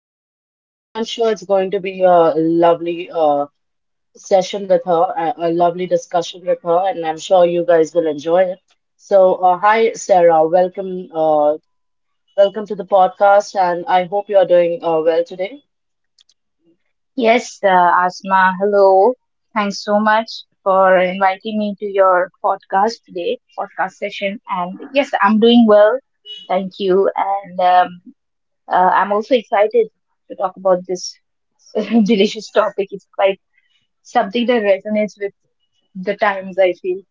on this. And I'm sure it's going to be a lovely session with her, a lovely discussion with her, and I'm sure you guys will enjoy it. So, hi, Sarah. Welcome, welcome to the podcast, and I hope you are doing well today. Yes, Asma, hello. Thanks so much for inviting me to your podcast session. And yes, I'm doing well. Thank you. And I'm also excited to talk about this delicious topic. It's quite something that resonates with the times, I feel.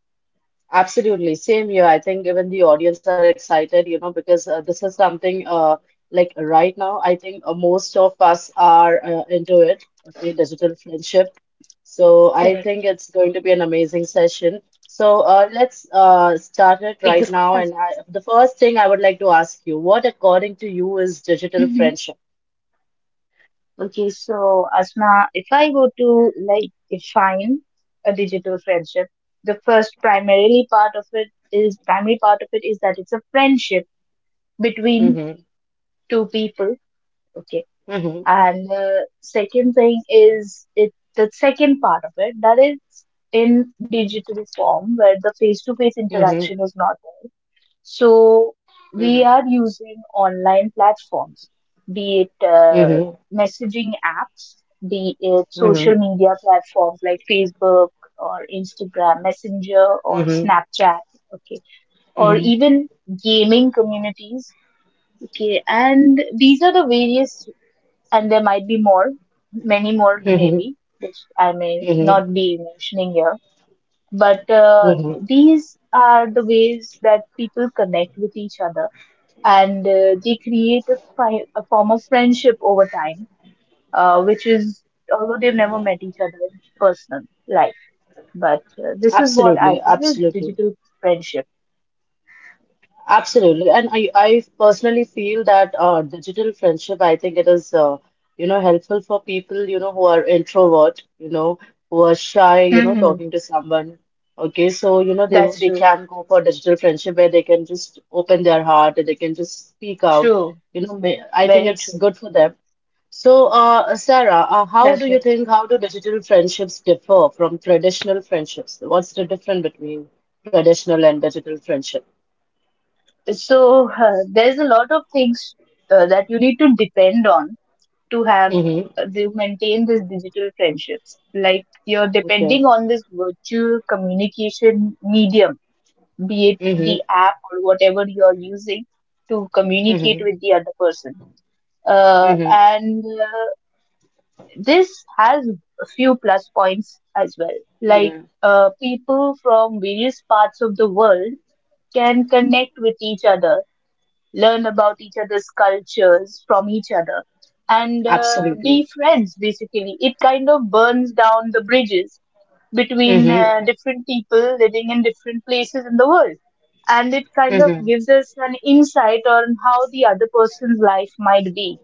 Absolutely. Same here. I think even the audience are excited, you know, because this is something like right now, I think most of us are into it, okay, digital friendship. So I Correct. think it's going to be an amazing session. So let's start it right Fingers now. crossed. The first thing I would like to ask you, what according to you is digital Mm-hmm. friendship? Okay, so Asma, if I go to like define a digital friendship, the first primarily part of it is primary part of it is that it's a friendship between hmm two people. Okay, hmm hmm and second thing is it the second part of it that is in digital form where the face to face interaction is not there, so hmm we are using online platforms, be it messaging apps, be it Mm-hmm. social media platforms like Facebook or Instagram Messenger or Mm-hmm. Snapchat, okay, or hmm even gaming communities, okay. And these are the various, and there might be more, many more hmm maybe, which I may hmm not be mentioning here, but hmm these are the ways that people connect with each other, and they create a, a form of friendship over time, which is although they've never met each other in personal life. But this is what I Absolutely, feel is absolutely, digital friendship. absolutely. I personally feel that digital friendship, I think it is, helpful for people, you know, who are introvert, you know, who are shy, you know, Hmm. talking to someone. Okay, so, you know, That's they true. can go for digital friendship where they can just open their heart and they can just speak out. True. You know, I think Very it's true. good for them. So, Sarah, That's right. How do digital friendships differ from traditional friendships? What's the difference between traditional and digital friendship? So there's a lot of things that you need to depend on to have Mm-hmm. To maintain these digital friendships. Like you're Okay. depending on this virtual communication medium, be it the Mm-hmm. app or whatever you are using to communicate Mm-hmm. with the other person. Mm-hmm. And This has a few plus points as well. Like Mm-hmm. People from various parts of the world can connect with each other, learn about each other's cultures from each other, and Absolutely. be friends basically. It kind of burns down the bridges between Mm-hmm. Different people living in different places in the world, and it kind of Mm-hmm. gives us an insight on how the other person's life might be,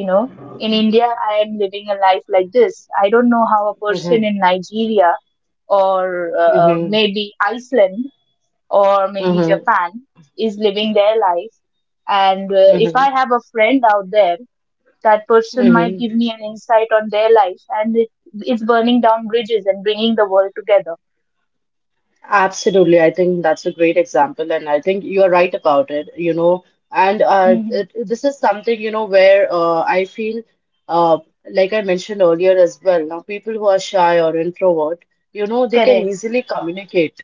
you know. In India, I am living a life like this. I don't know how a Mm-hmm. person in Nigeria or maybe Iceland or maybe Mm-hmm. Japan is living their life, and if I Mm-hmm. have a friend out there, that person might Mm-hmm. give me an insight on their life, and it's burning down bridges and bringing the world together. Absolutely. I think that's a great example, and I think you are right about it, you know. And Hmm. it, this is something, you know, where I feel, uh, like I mentioned earlier as well, now people who are shy or introvert, you know, they can Correct. easily communicate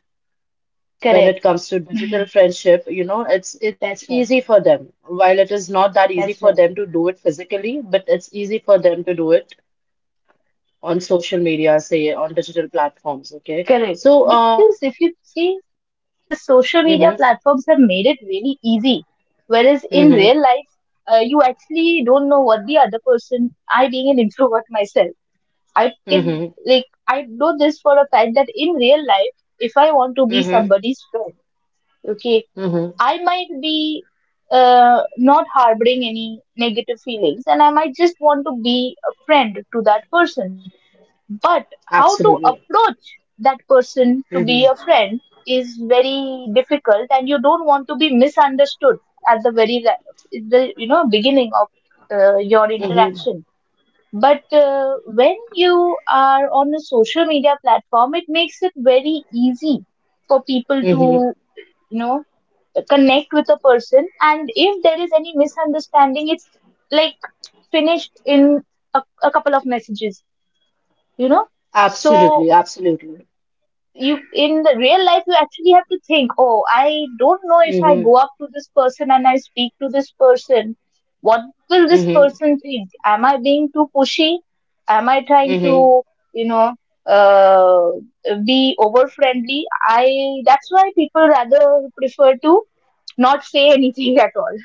when Correct. it comes to digital friendship, you know, it's That's easy right. for them. While it is not that easy for That's them right. to do it physically, but it's easy for them to do it on social media, say on digital platforms, okay? So, Correct. Because if you see, the social media mm-hmm, platforms have made it really easy. Whereas in mm-hmm, real life, you actually don't know what the other person, I being an introvert myself, I can, mm-hmm. like, I know this for a fact that in real life, if I want to be Mm-hmm. somebody's friend, okay, Mm-hmm. I might be not harboring any negative feelings, and I might just want to be a friend to that person, but how to Absolutely. approach that person to Mm-hmm. be a friend is very difficult, and you don't want to be misunderstood at the you know beginning of your Mm-hmm. interaction. But when you are on a social media platform, it makes it very easy for people Mm-hmm. to, you know, connect with a person, and if there is any misunderstanding, it's like finished in a couple of messages. You know, so Absolutely. Absolutely. you in the real life, you actually have to think, oh, I don't know if Mm-hmm. I go up to this person and I speak to this person, what will this Mm-hmm. person think? Am I being too pushy? Am I trying to, Mm-hmm. you know, uh, be over friendly? I that's why people rather prefer to not say anything at all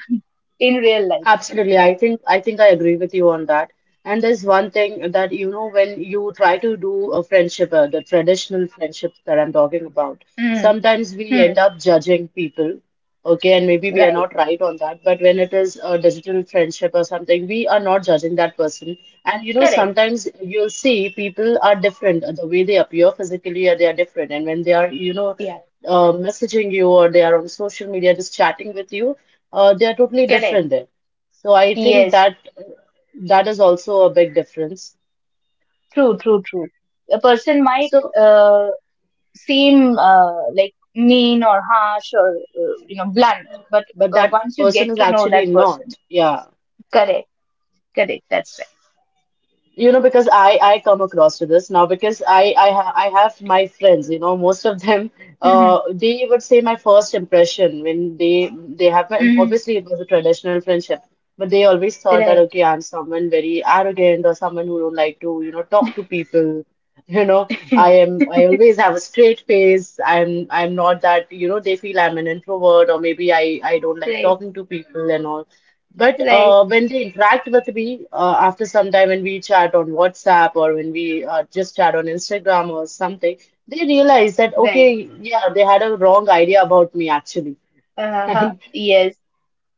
in real life. Absolutely. I think I think I agree with you on that. And there's one thing that you know when you try to do a friendship, the traditional friendships that I'm talking about, Mm. sometimes we end Hmm. up judging people. Okay, and maybe we are Right. not right on that, but when it is a digital friendship or something, we are not judging that person. And you know, Correct. sometimes you'll see people are different. The way they appear physically, they are different. And when they are, you know, Yeah. Messaging you or they are on social media just chatting with you, they are totally Correct. different there. So I think Yes. that that is also a big difference. True, true, true. A person might So, uh, seem like mean or harsh or you know blunt, but but that once you get person is to know actually that person. not. Yeah. Correct. Correct. That's You know because I come across to this now because I have my friends, you know, most of them right. Mm-hmm. They would say my first impression when they have my, Mm-hmm. obviously it was a traditional friendship, but they always thought that Right. okay, I'm someone very arrogant or someone who don't like to, you know, talk to people, you know, I always have a straight face. I'm not that, you know, they feel I'm an introvert or maybe I don't like Right. talking to people and all. But Right. When they interact with me after some time, when we chat on WhatsApp or when we just chat on Instagram or something, they realize that, Right. okay, yeah, they had a wrong idea about me actually. Uh-huh. And Yes.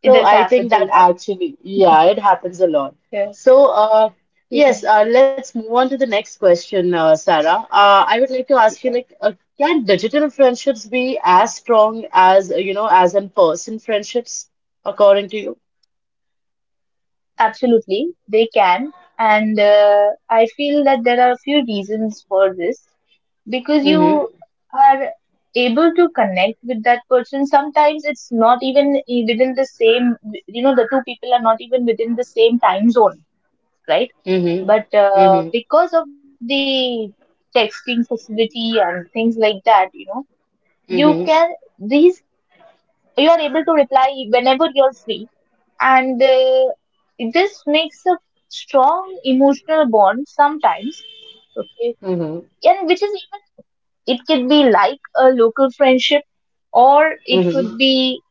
It so does I happen think a that lot. actually, yeah, it happens a lot. Yeah. So, Yeah. yes, let's move on to the next question, Sarah. I would like to ask you, Sure. Can digital friendships be as strong as, you know, as in person friendships, according to you? Absolutely they can. And I feel that there are a few reasons for this, because you hmm are able to connect with that person, sometimes it's not even within the same, you know, the two people are not even within the same time zone, right, Mhm. but Mhm. Because of the texting facility and things like that, you know, you can Mhm. these you are able to reply whenever you're free, and this makes a strong emotional bond sometimes, okay, Mhm. and which is even it can be like a local friendship, or it Mhm. could be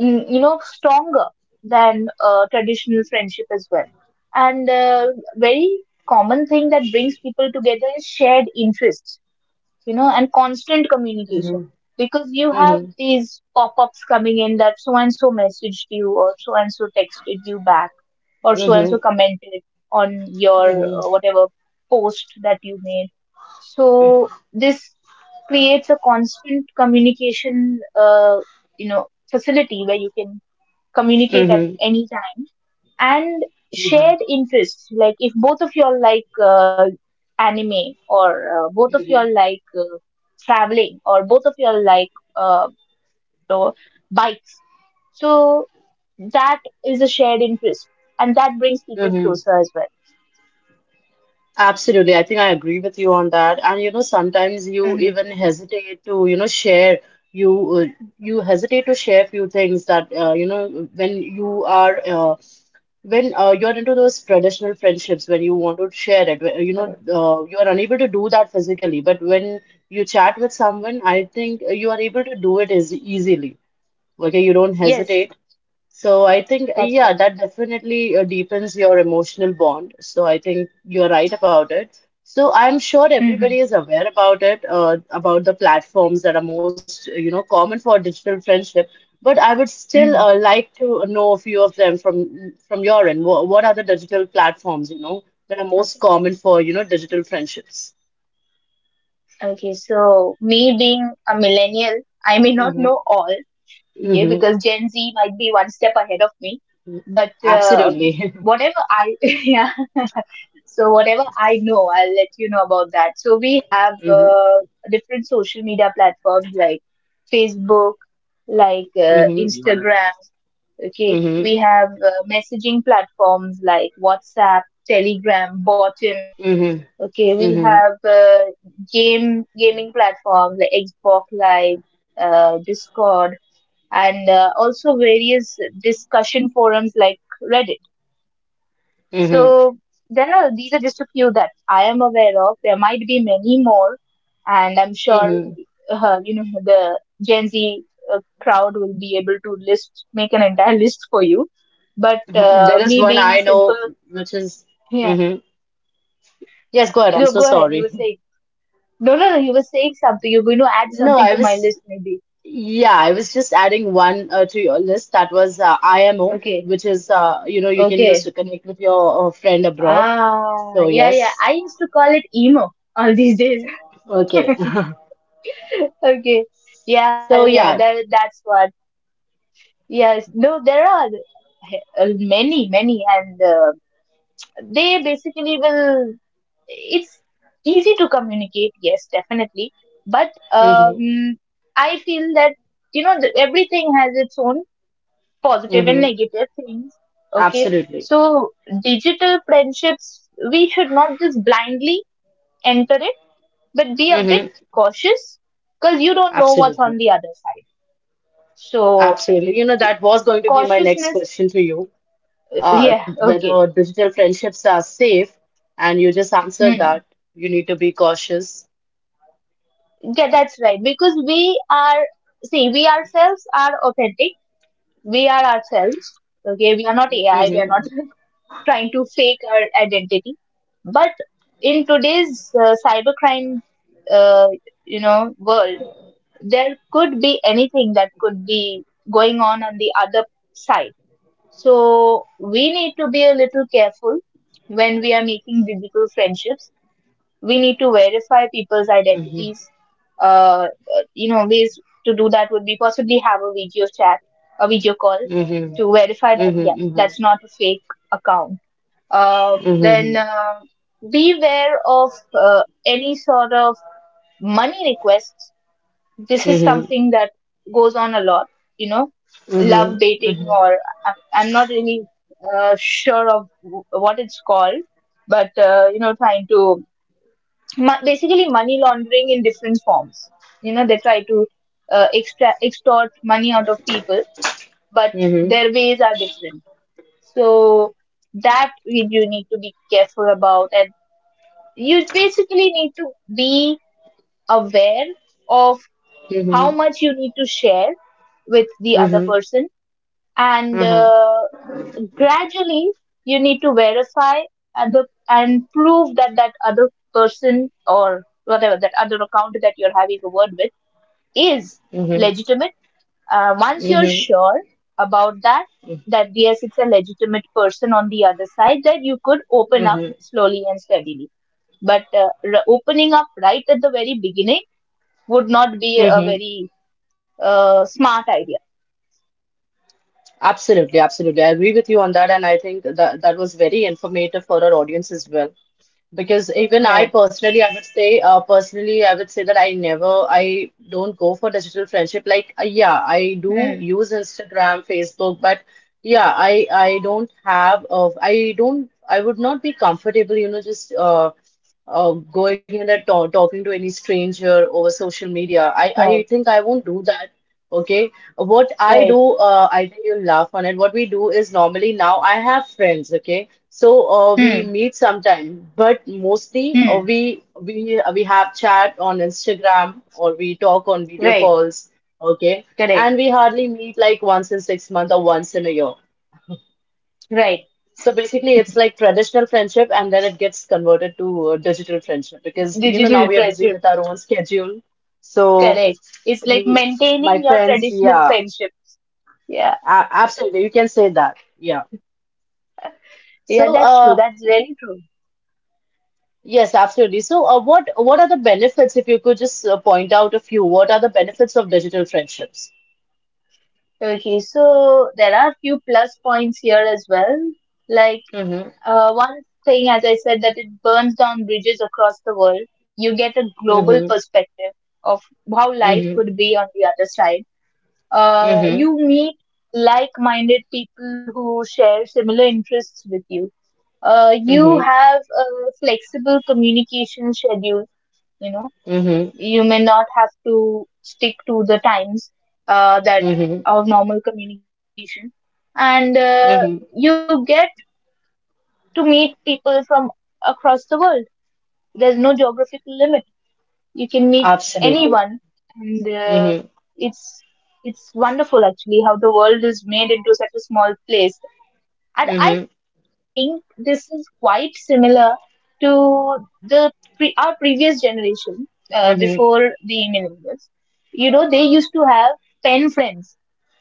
mm, you know stronger than traditional friendship as well. And very common thing that brings people together is shared interests, you know, and constant communication, Mhm. because you Mhm. have Mhm. these pop ups coming in that so and so messaged you, or so and so texted you back, or so and Mhm. so commented on your whatever post that you made. So this creates a constant communication, you know, facility where you can communicate at Mhm. any time, and Mhm. shared interests, like if both of y'all like anime, or both of y'all Mhm. like traveling, or both of y'all like uh, the bikes, so that is a shared interest, and that brings people Mhm. closer as well. Absolutely. I think I agree with you on that. And you know, sometimes you Mm-hmm. even hesitate to, you know, share. You you hesitate to share few things that when you are when you're into those traditional friendships when you want to share it you know Correct. You are unable to do that physically but when you chat with someone I think you are able to do it as easily, okay, you don't hesitate. Yes. So I think, That's yeah, right. that definitely deepens your emotional bond. So I think you're right about it. So I'm sure Mm-hmm. everybody is aware about it, about the platforms that are most, you know, common for digital friendship. But I would still Mm-hmm. like to know a few of them from your end. What are the digital platforms, you know, Okay. that are most common for, you know, digital friendships? Okay, so me being a millennial, I may not know Mm-hmm. all, okay, Mm-hmm. because Gen Z might be one step ahead of me. But Absolutely. Yeah, so whatever I know, I'll let you know about that. So we have different social media platforms like Facebook, like Mm-hmm. Instagram, okay. Mm-hmm. We have messaging platforms like WhatsApp, Telegram, Bottom. Mm-hmm. Okay, we Mm-hmm. have game gaming platforms like Xbox Live, Discord, and also various discussion forums like Reddit. Mm-hmm. So there are these are just a few that I am aware of. There might be many more, and I'm sure Mm-hmm. You know the Gen Z crowd will be able to list make an entire list for you. But There is me one being a I simple know, which is, yeah, hmm Yes, go ahead. I'm no, so go ahead. You were sorry. saying no, no, no. You were saying something. You're going to add No, something I to my was, list, maybe. yeah, I was just adding one to your list. That was IMO, Okay, which is, you can use okay. to connect with your friend abroad. Ah, So, yeah, yeah. yes. I used to call it emo all these days. Okay. Okay. Yeah, yeah, So, that, yeah. that's what yes no there are uh, many many, and they basically will it's easy to communicate, yes definitely, but hmm um I feel that, you know, the, everything has its own positive and hmm negative things, okay, Absolutely. so digital friendships we should not just blindly enter it, but be a bit hmm cautious, because you don't know what's Absolutely. on the other side, so Absolutely. You know, that was going to be my next cautiousness. question to you. Yeah. Whether Okay. digital friendships are safe, and you just answered Hmm. that you need to be cautious. Yeah, that's right, because we are see we ourselves are authentic, we are ourselves, okay, we are not AI, we Mm-hmm. are not trying to fake our identity, but in today's cybercrime uh, you know world, there could be anything that could be going on the other side. So we need to be a little careful when we are making digital friendships. We need to verify people's Mm-hmm. identities. Uh, you know, ways to do that would be possibly have a video chat, a video call Mm-hmm. to verify that, yeah, Mm-hmm. that's not a fake account. Mm-hmm. Mm-hmm. Then Beware of any sort of money requests, this Mm-hmm. is Mm-hmm. something that goes on a lot, you know, Mm-hmm. love Mm-hmm. dating or i'm I'm not really sure of what it's called, but you know trying to basically money laundering in different forms, you know they try to extort money out of people, but Mm-hmm. their ways are different, so that we do need to be careful about, and you basically need to be aware of Mm-hmm. how much you need to share with the other person, and Mm-hmm. Gradually you need to verify and prove that that other person, or whatever that other account that you're having a word with, is legitimate. Once you're Mm-hmm. sure about that, that yes it's a legitimate person on the other side, that you could open up Mm-hmm. slowly and steadily. But opening up right at the very beginning would not be a Mm-hmm. very smart idea. Absolutely, absolutely. I agree with you on that, and I think that that was very informative for our audience as well. Because even I Right. personally, I would say, personally, I would say that I never, I don't go for digital friendship. Like, yeah, I do Hmm. use Instagram, Facebook, but yeah, I don't have, I don't, I would not be comfortable, you know, just going in and ta talking to any stranger over social media. Right. I think I won't do that. Okay. What I Right. do, I think you'll laugh on it. What we do is normally now I have friends. Okay. So we Hmm. meet sometime, but mostly Hmm. We have chat on Instagram or we talk on video Right. calls. Okay. Correct. And we hardly meet like once in 6 months or once in a year. Right. So basically, it's like traditional friendship, and then it gets converted to digital friendship because you know now Digital we are busy friendship. with our own schedule. So Correct. It's like we, my maintaining your friends, traditional yeah, friendship. Yeah. a absolutely, you can say that, yeah. Yeah, So, that's true. That's really true. yes, absolutely. So, what are the benefits? If you could just point out a few, what are the benefits of digital friendships? Okay, so there are a few plus points here as well. Like Mm-hmm, one thing, as I said, that it burns down bridges across the world. You get a mm-hmm, global perspective of how life mm-hmm, could be on the other side. Mm-hmm, You meet like-minded people who share similar interests with you. You mm-hmm, have a flexible communication schedule, you know, you mm-hmm, may not have to stick to the times that mm-hmm, of normal communication. And mm-hmm. You get to meet people from across the world. There's no geographical limit. You can meet Absolutely. anyone, and Mm-hmm, it's it's wonderful actually how the world is made into such a small place. And I mm-hmm, think this is quite similar to the our previous generation, before mm-hmm, the millennials. You know, they used to have pen friends.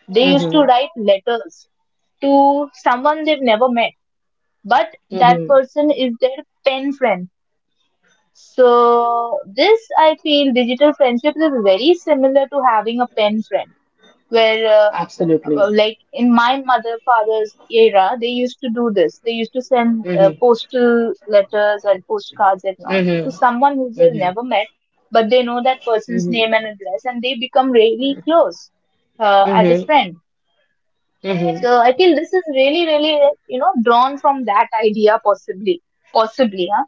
They used to write letters to someone they've never met, but that mm-hmm, person is their pen friend. So this, I feel, digital friendship is very similar to having a pen friend, where absolutely. like in my mother father's era, they used to do this. They used to send Mm-hmm. postal letters and postcards and all to Mm-hmm. someone who they Mm-hmm. never met, but they know that person's Mm-hmm. name and address, and they become really close as a Mm-hmm. friend. So I feel this is really really, you know, drawn from that idea possibly. Possibly, huh?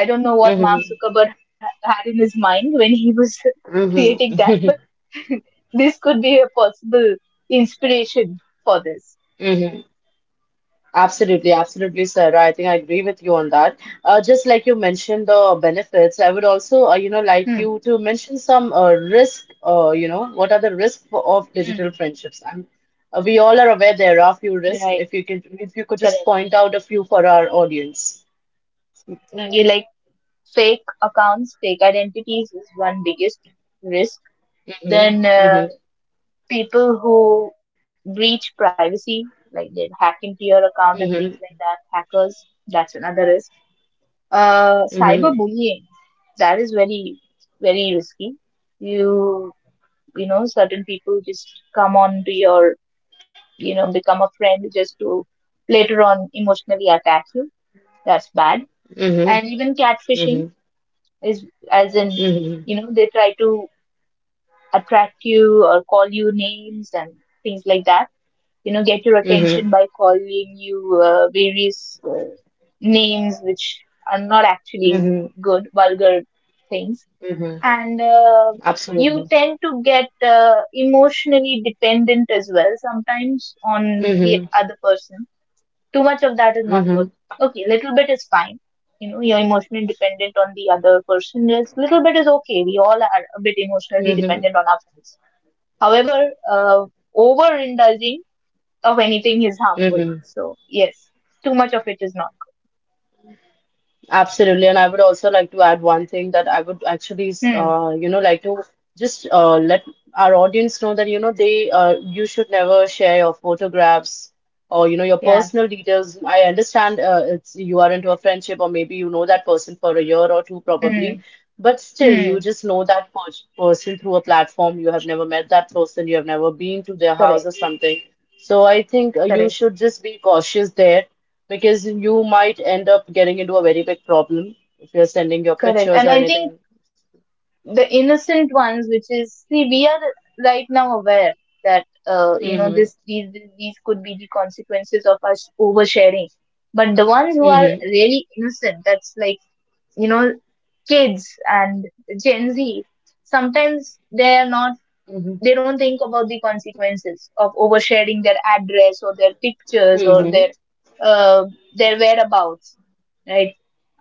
I don't know what Mark Mm-hmm. Zuckerberg had in his mind when he was creating that, but Mm-hmm. this could be a possible inspiration for this. Mm-hmm. Absolutely, absolutely, Sarah. I think I agree with you on that. Just like you mentioned the benefits, I would also, like Hmm. you to mention some risk. You know, what are the risks for, of digital Hmm. friendships? We all are aware there are a few risks. Right. If you can, if you could just Correct. point out a few for our audience. Mm. You like fake accounts, fake identities is one biggest risk. Mm-hmm. Then Mm-hmm. people who breach privacy, like they hack into your Mm-hmm. account and things like that. Hackers, that's another risk. Mm-hmm. Cyberbullying, that is very very risky. You you know certain people just come on to your, you know, become a friend just to later on emotionally attack you. That's bad. Mm-hmm. And even catfishing is, as in, Mm-hmm. you know, they try to attract you or call you names and things like that, you know, get your Mm-hmm. attention by calling you various names, which are not Mm-hmm. actually good, vulgar things. Mm-hmm. And Absolutely. you tend to get emotionally dependent as well sometimes on Mm-hmm. the other person. Too much of that is Mm-hmm. not good. Okay, little bit is fine. You know, you're emotionally dependent on the other person. Is little bit is okay. We all are a bit emotionally Mm-hmm. dependent on our friends. However, uh, overindulging of anything is harmful. Mm-hmm. So yes, too much of it is not. Absolutely, and I would also like to add one thing that I would actually, Hmm. Like to just let our audience know that, you know, you should never share your photographs or, you know, your Yeah. personal details. I understand it's you are into a friendship or maybe you know that person for a year or two probably, Hmm. but still, you Hmm. just know that person through a platform. You have never met that person, you have never been to their Correct. house or something. So I think you Correct. should just be cautious there because you might end up getting into a very big problem if you're sending your Correct. pictures And or I think anything. the innocent ones, which is, see, we are right now aware that, you know, Mm-hmm. this, these could be the consequences of us oversharing. But the ones who are Mm-hmm. really innocent, that's like, you know, kids and Gen Z, sometimes they are not, Mm-hmm. they don't think about the consequences of oversharing their address or their pictures or Mm-hmm. Uh, their whereabouts. Right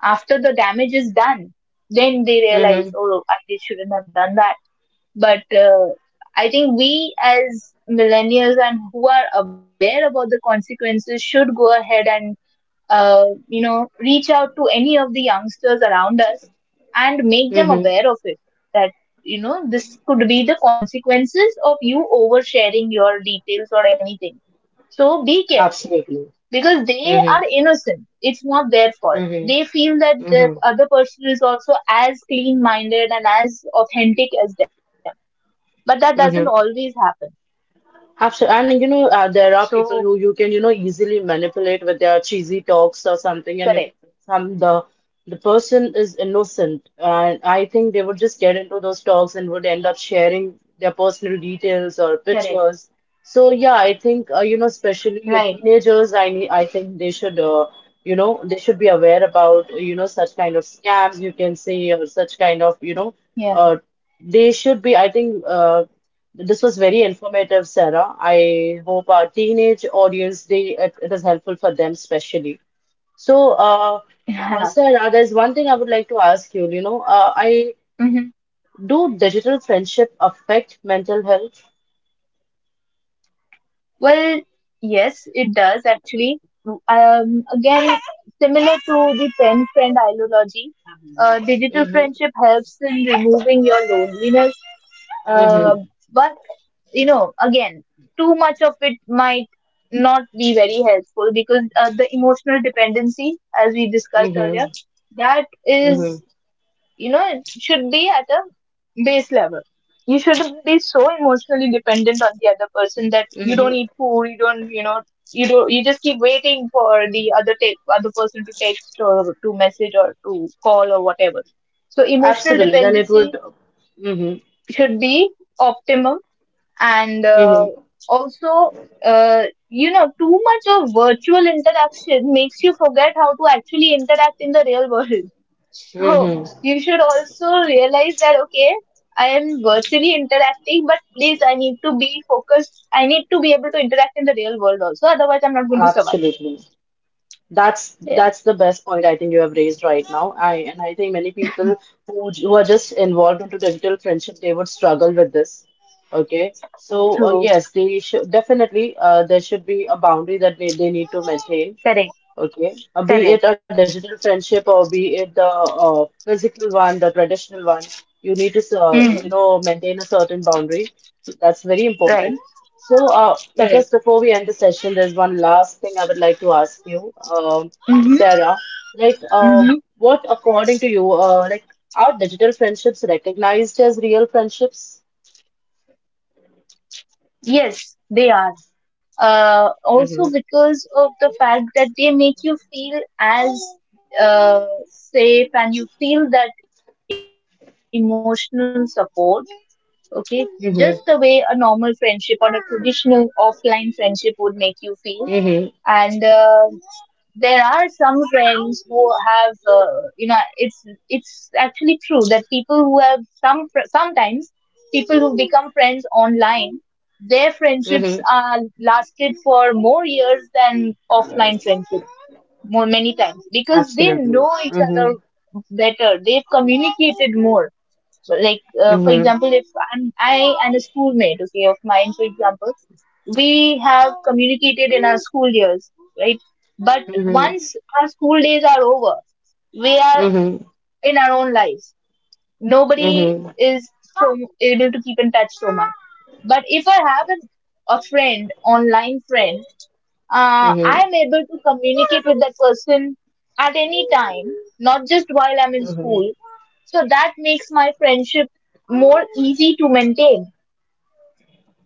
after the damage is done, then they realize, Mm-hmm. oh, I shouldn't have done that. But I think we as millennials and who are aware about the consequences should go ahead and you know, reach out to any of the youngsters around us and make them Mm-hmm. aware of it, that, you know, this could be the consequences of you oversharing your details or anything. So be careful, Absolutely. because they are Mm-hmm. innocent. It's not their fault. They Mm-hmm. feel that the Mm-hmm. other person is also as clean minded and as authentic as them, but that doesn't Mm-hmm. always happen. Absolutely. And you know, there are So people who you can, you know, easily manipulate with their cheesy talks or something, and correct. if some the person is innocent, and I think they would just get into those talks and would end up sharing their personal Correct. details or pictures. So yeah, I think you know, Right. especially your teenagers, I think they should, they should be aware about, you know, such kind of scams you can say or such kind of, you know, Yeah. uh, they should be, I think, this was very informative, Sarah. I hope our teenage audience they it, it is helpful for them especially. So, Yeah. Sarah, there's one thing I would like to ask you. You know, I Hmm. do digital friendship affect mental health? Well, yes, it does actually. Again, similar to the pen friend ideology, digital Mm-hmm. friendship helps in removing your loneliness. Mm-hmm. uh, but, you know, again, too much of it might not be very helpful, because the emotional dependency, as we discussed Mm-hmm. earlier, that Mm-hmm. is, you know, it should be at a base level. You shouldn't be so emotionally dependent on the other person that you Mm-hmm. don't eat food, you don't, you know, you don't, you just keep waiting for the other person to text or to message or to call or whatever. So emotional Absolutely. Then it dependency would. Mm-hmm. should be optimum. And Mm-hmm. also uh, you know, too much of virtual interaction makes you forget how to actually interact in the real world. So Mm-hmm. you should also realize that, okay, I am virtually interacting, but please, I need to be focused. I need to be able to interact in the real world also. Otherwise, I'm not going to survive. Absolutely. Yeah, That's the best point I think you have raised right now. I think many people who who are just involved into digital friendship they would struggle with this. Okay, so true. yes, they should definitely there should be a boundary that they need to maintain. Correct. Okay, be it Correct. a digital friendship or be it the physical one, the traditional one, you need to Mm. Maintain a certain boundary. That's very Right. important. So, Correct. just before we end the session, there's one last thing I would like to ask you, Mm-hmm. Sarah. Like, Mm-hmm. what, according to you, are digital friendships recognized as real friendships? Yes, they are. Mm-hmm. Also because of the fact that they make you feel as safe, and you feel that emotional support, okay, just the way a normal Mm-hmm. friendship or a traditional offline friendship would make you feel. And Mm-hmm. there are some friends who have, you know, it's actually true that people who have some sometimes people who become friends online, their Mm-hmm. friendships are lasted for more years than offline friendships, more many times, because Absolutely. they know Mm-hmm. each other better, they've communicated more. So, like Mm-hmm. for example, if I and a schoolmate, okay, of mine, for example, we have communicated in our school years, right? But Mm-hmm. once our school days are over, we are Mm-hmm. in our own lives. Mm-hmm. Nobody is so able to keep in touch so much. But if I have a friend, online friend, Mm-hmm. I am able to communicate with that person at any time, not just while I'm in Mm-hmm. school. So that makes my friendship more easy to maintain.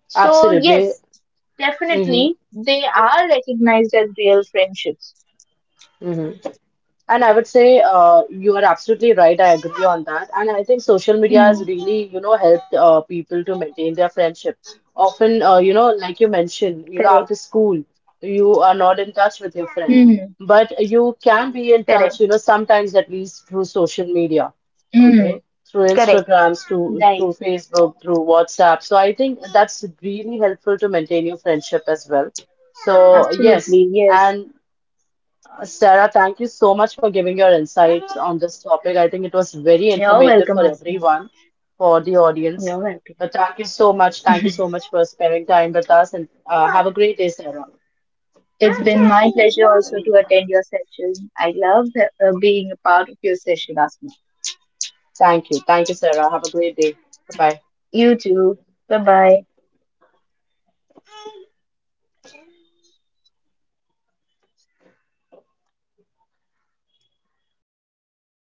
So, Absolutely. yes, Mm-hmm. definitely, they are recognized as real friendships. Mm-hmm. And I would say you are absolutely right. I agree on that. And I think social media has Hmm. really, you know, helped people to maintain their friendship. Often, Correct. like you mentioned, you know, after school, you are not in touch Hmm. with your friend, but you can Correct. be in touch, you know, sometimes at least through social media, Hmm. okay, through Correct. Instagrams, Right. Through Facebook, through WhatsApp. So I think that's really helpful to maintain your friendship as well. So Absolutely. yes. Yes. And Sarah, thank you so much for giving your insights on this topic. I think it was very You're informative welcome, for Asma. everyone, for the You're audience. welcome. But thank you so much. Thank you so much for sparing time with us and have a great day, Sarah. It's been my pleasure also to attend your session. I love being a part of your session, Asma. Thank you. Thank you, Sarah. Have a great day. Bye bye. You too. Bye bye.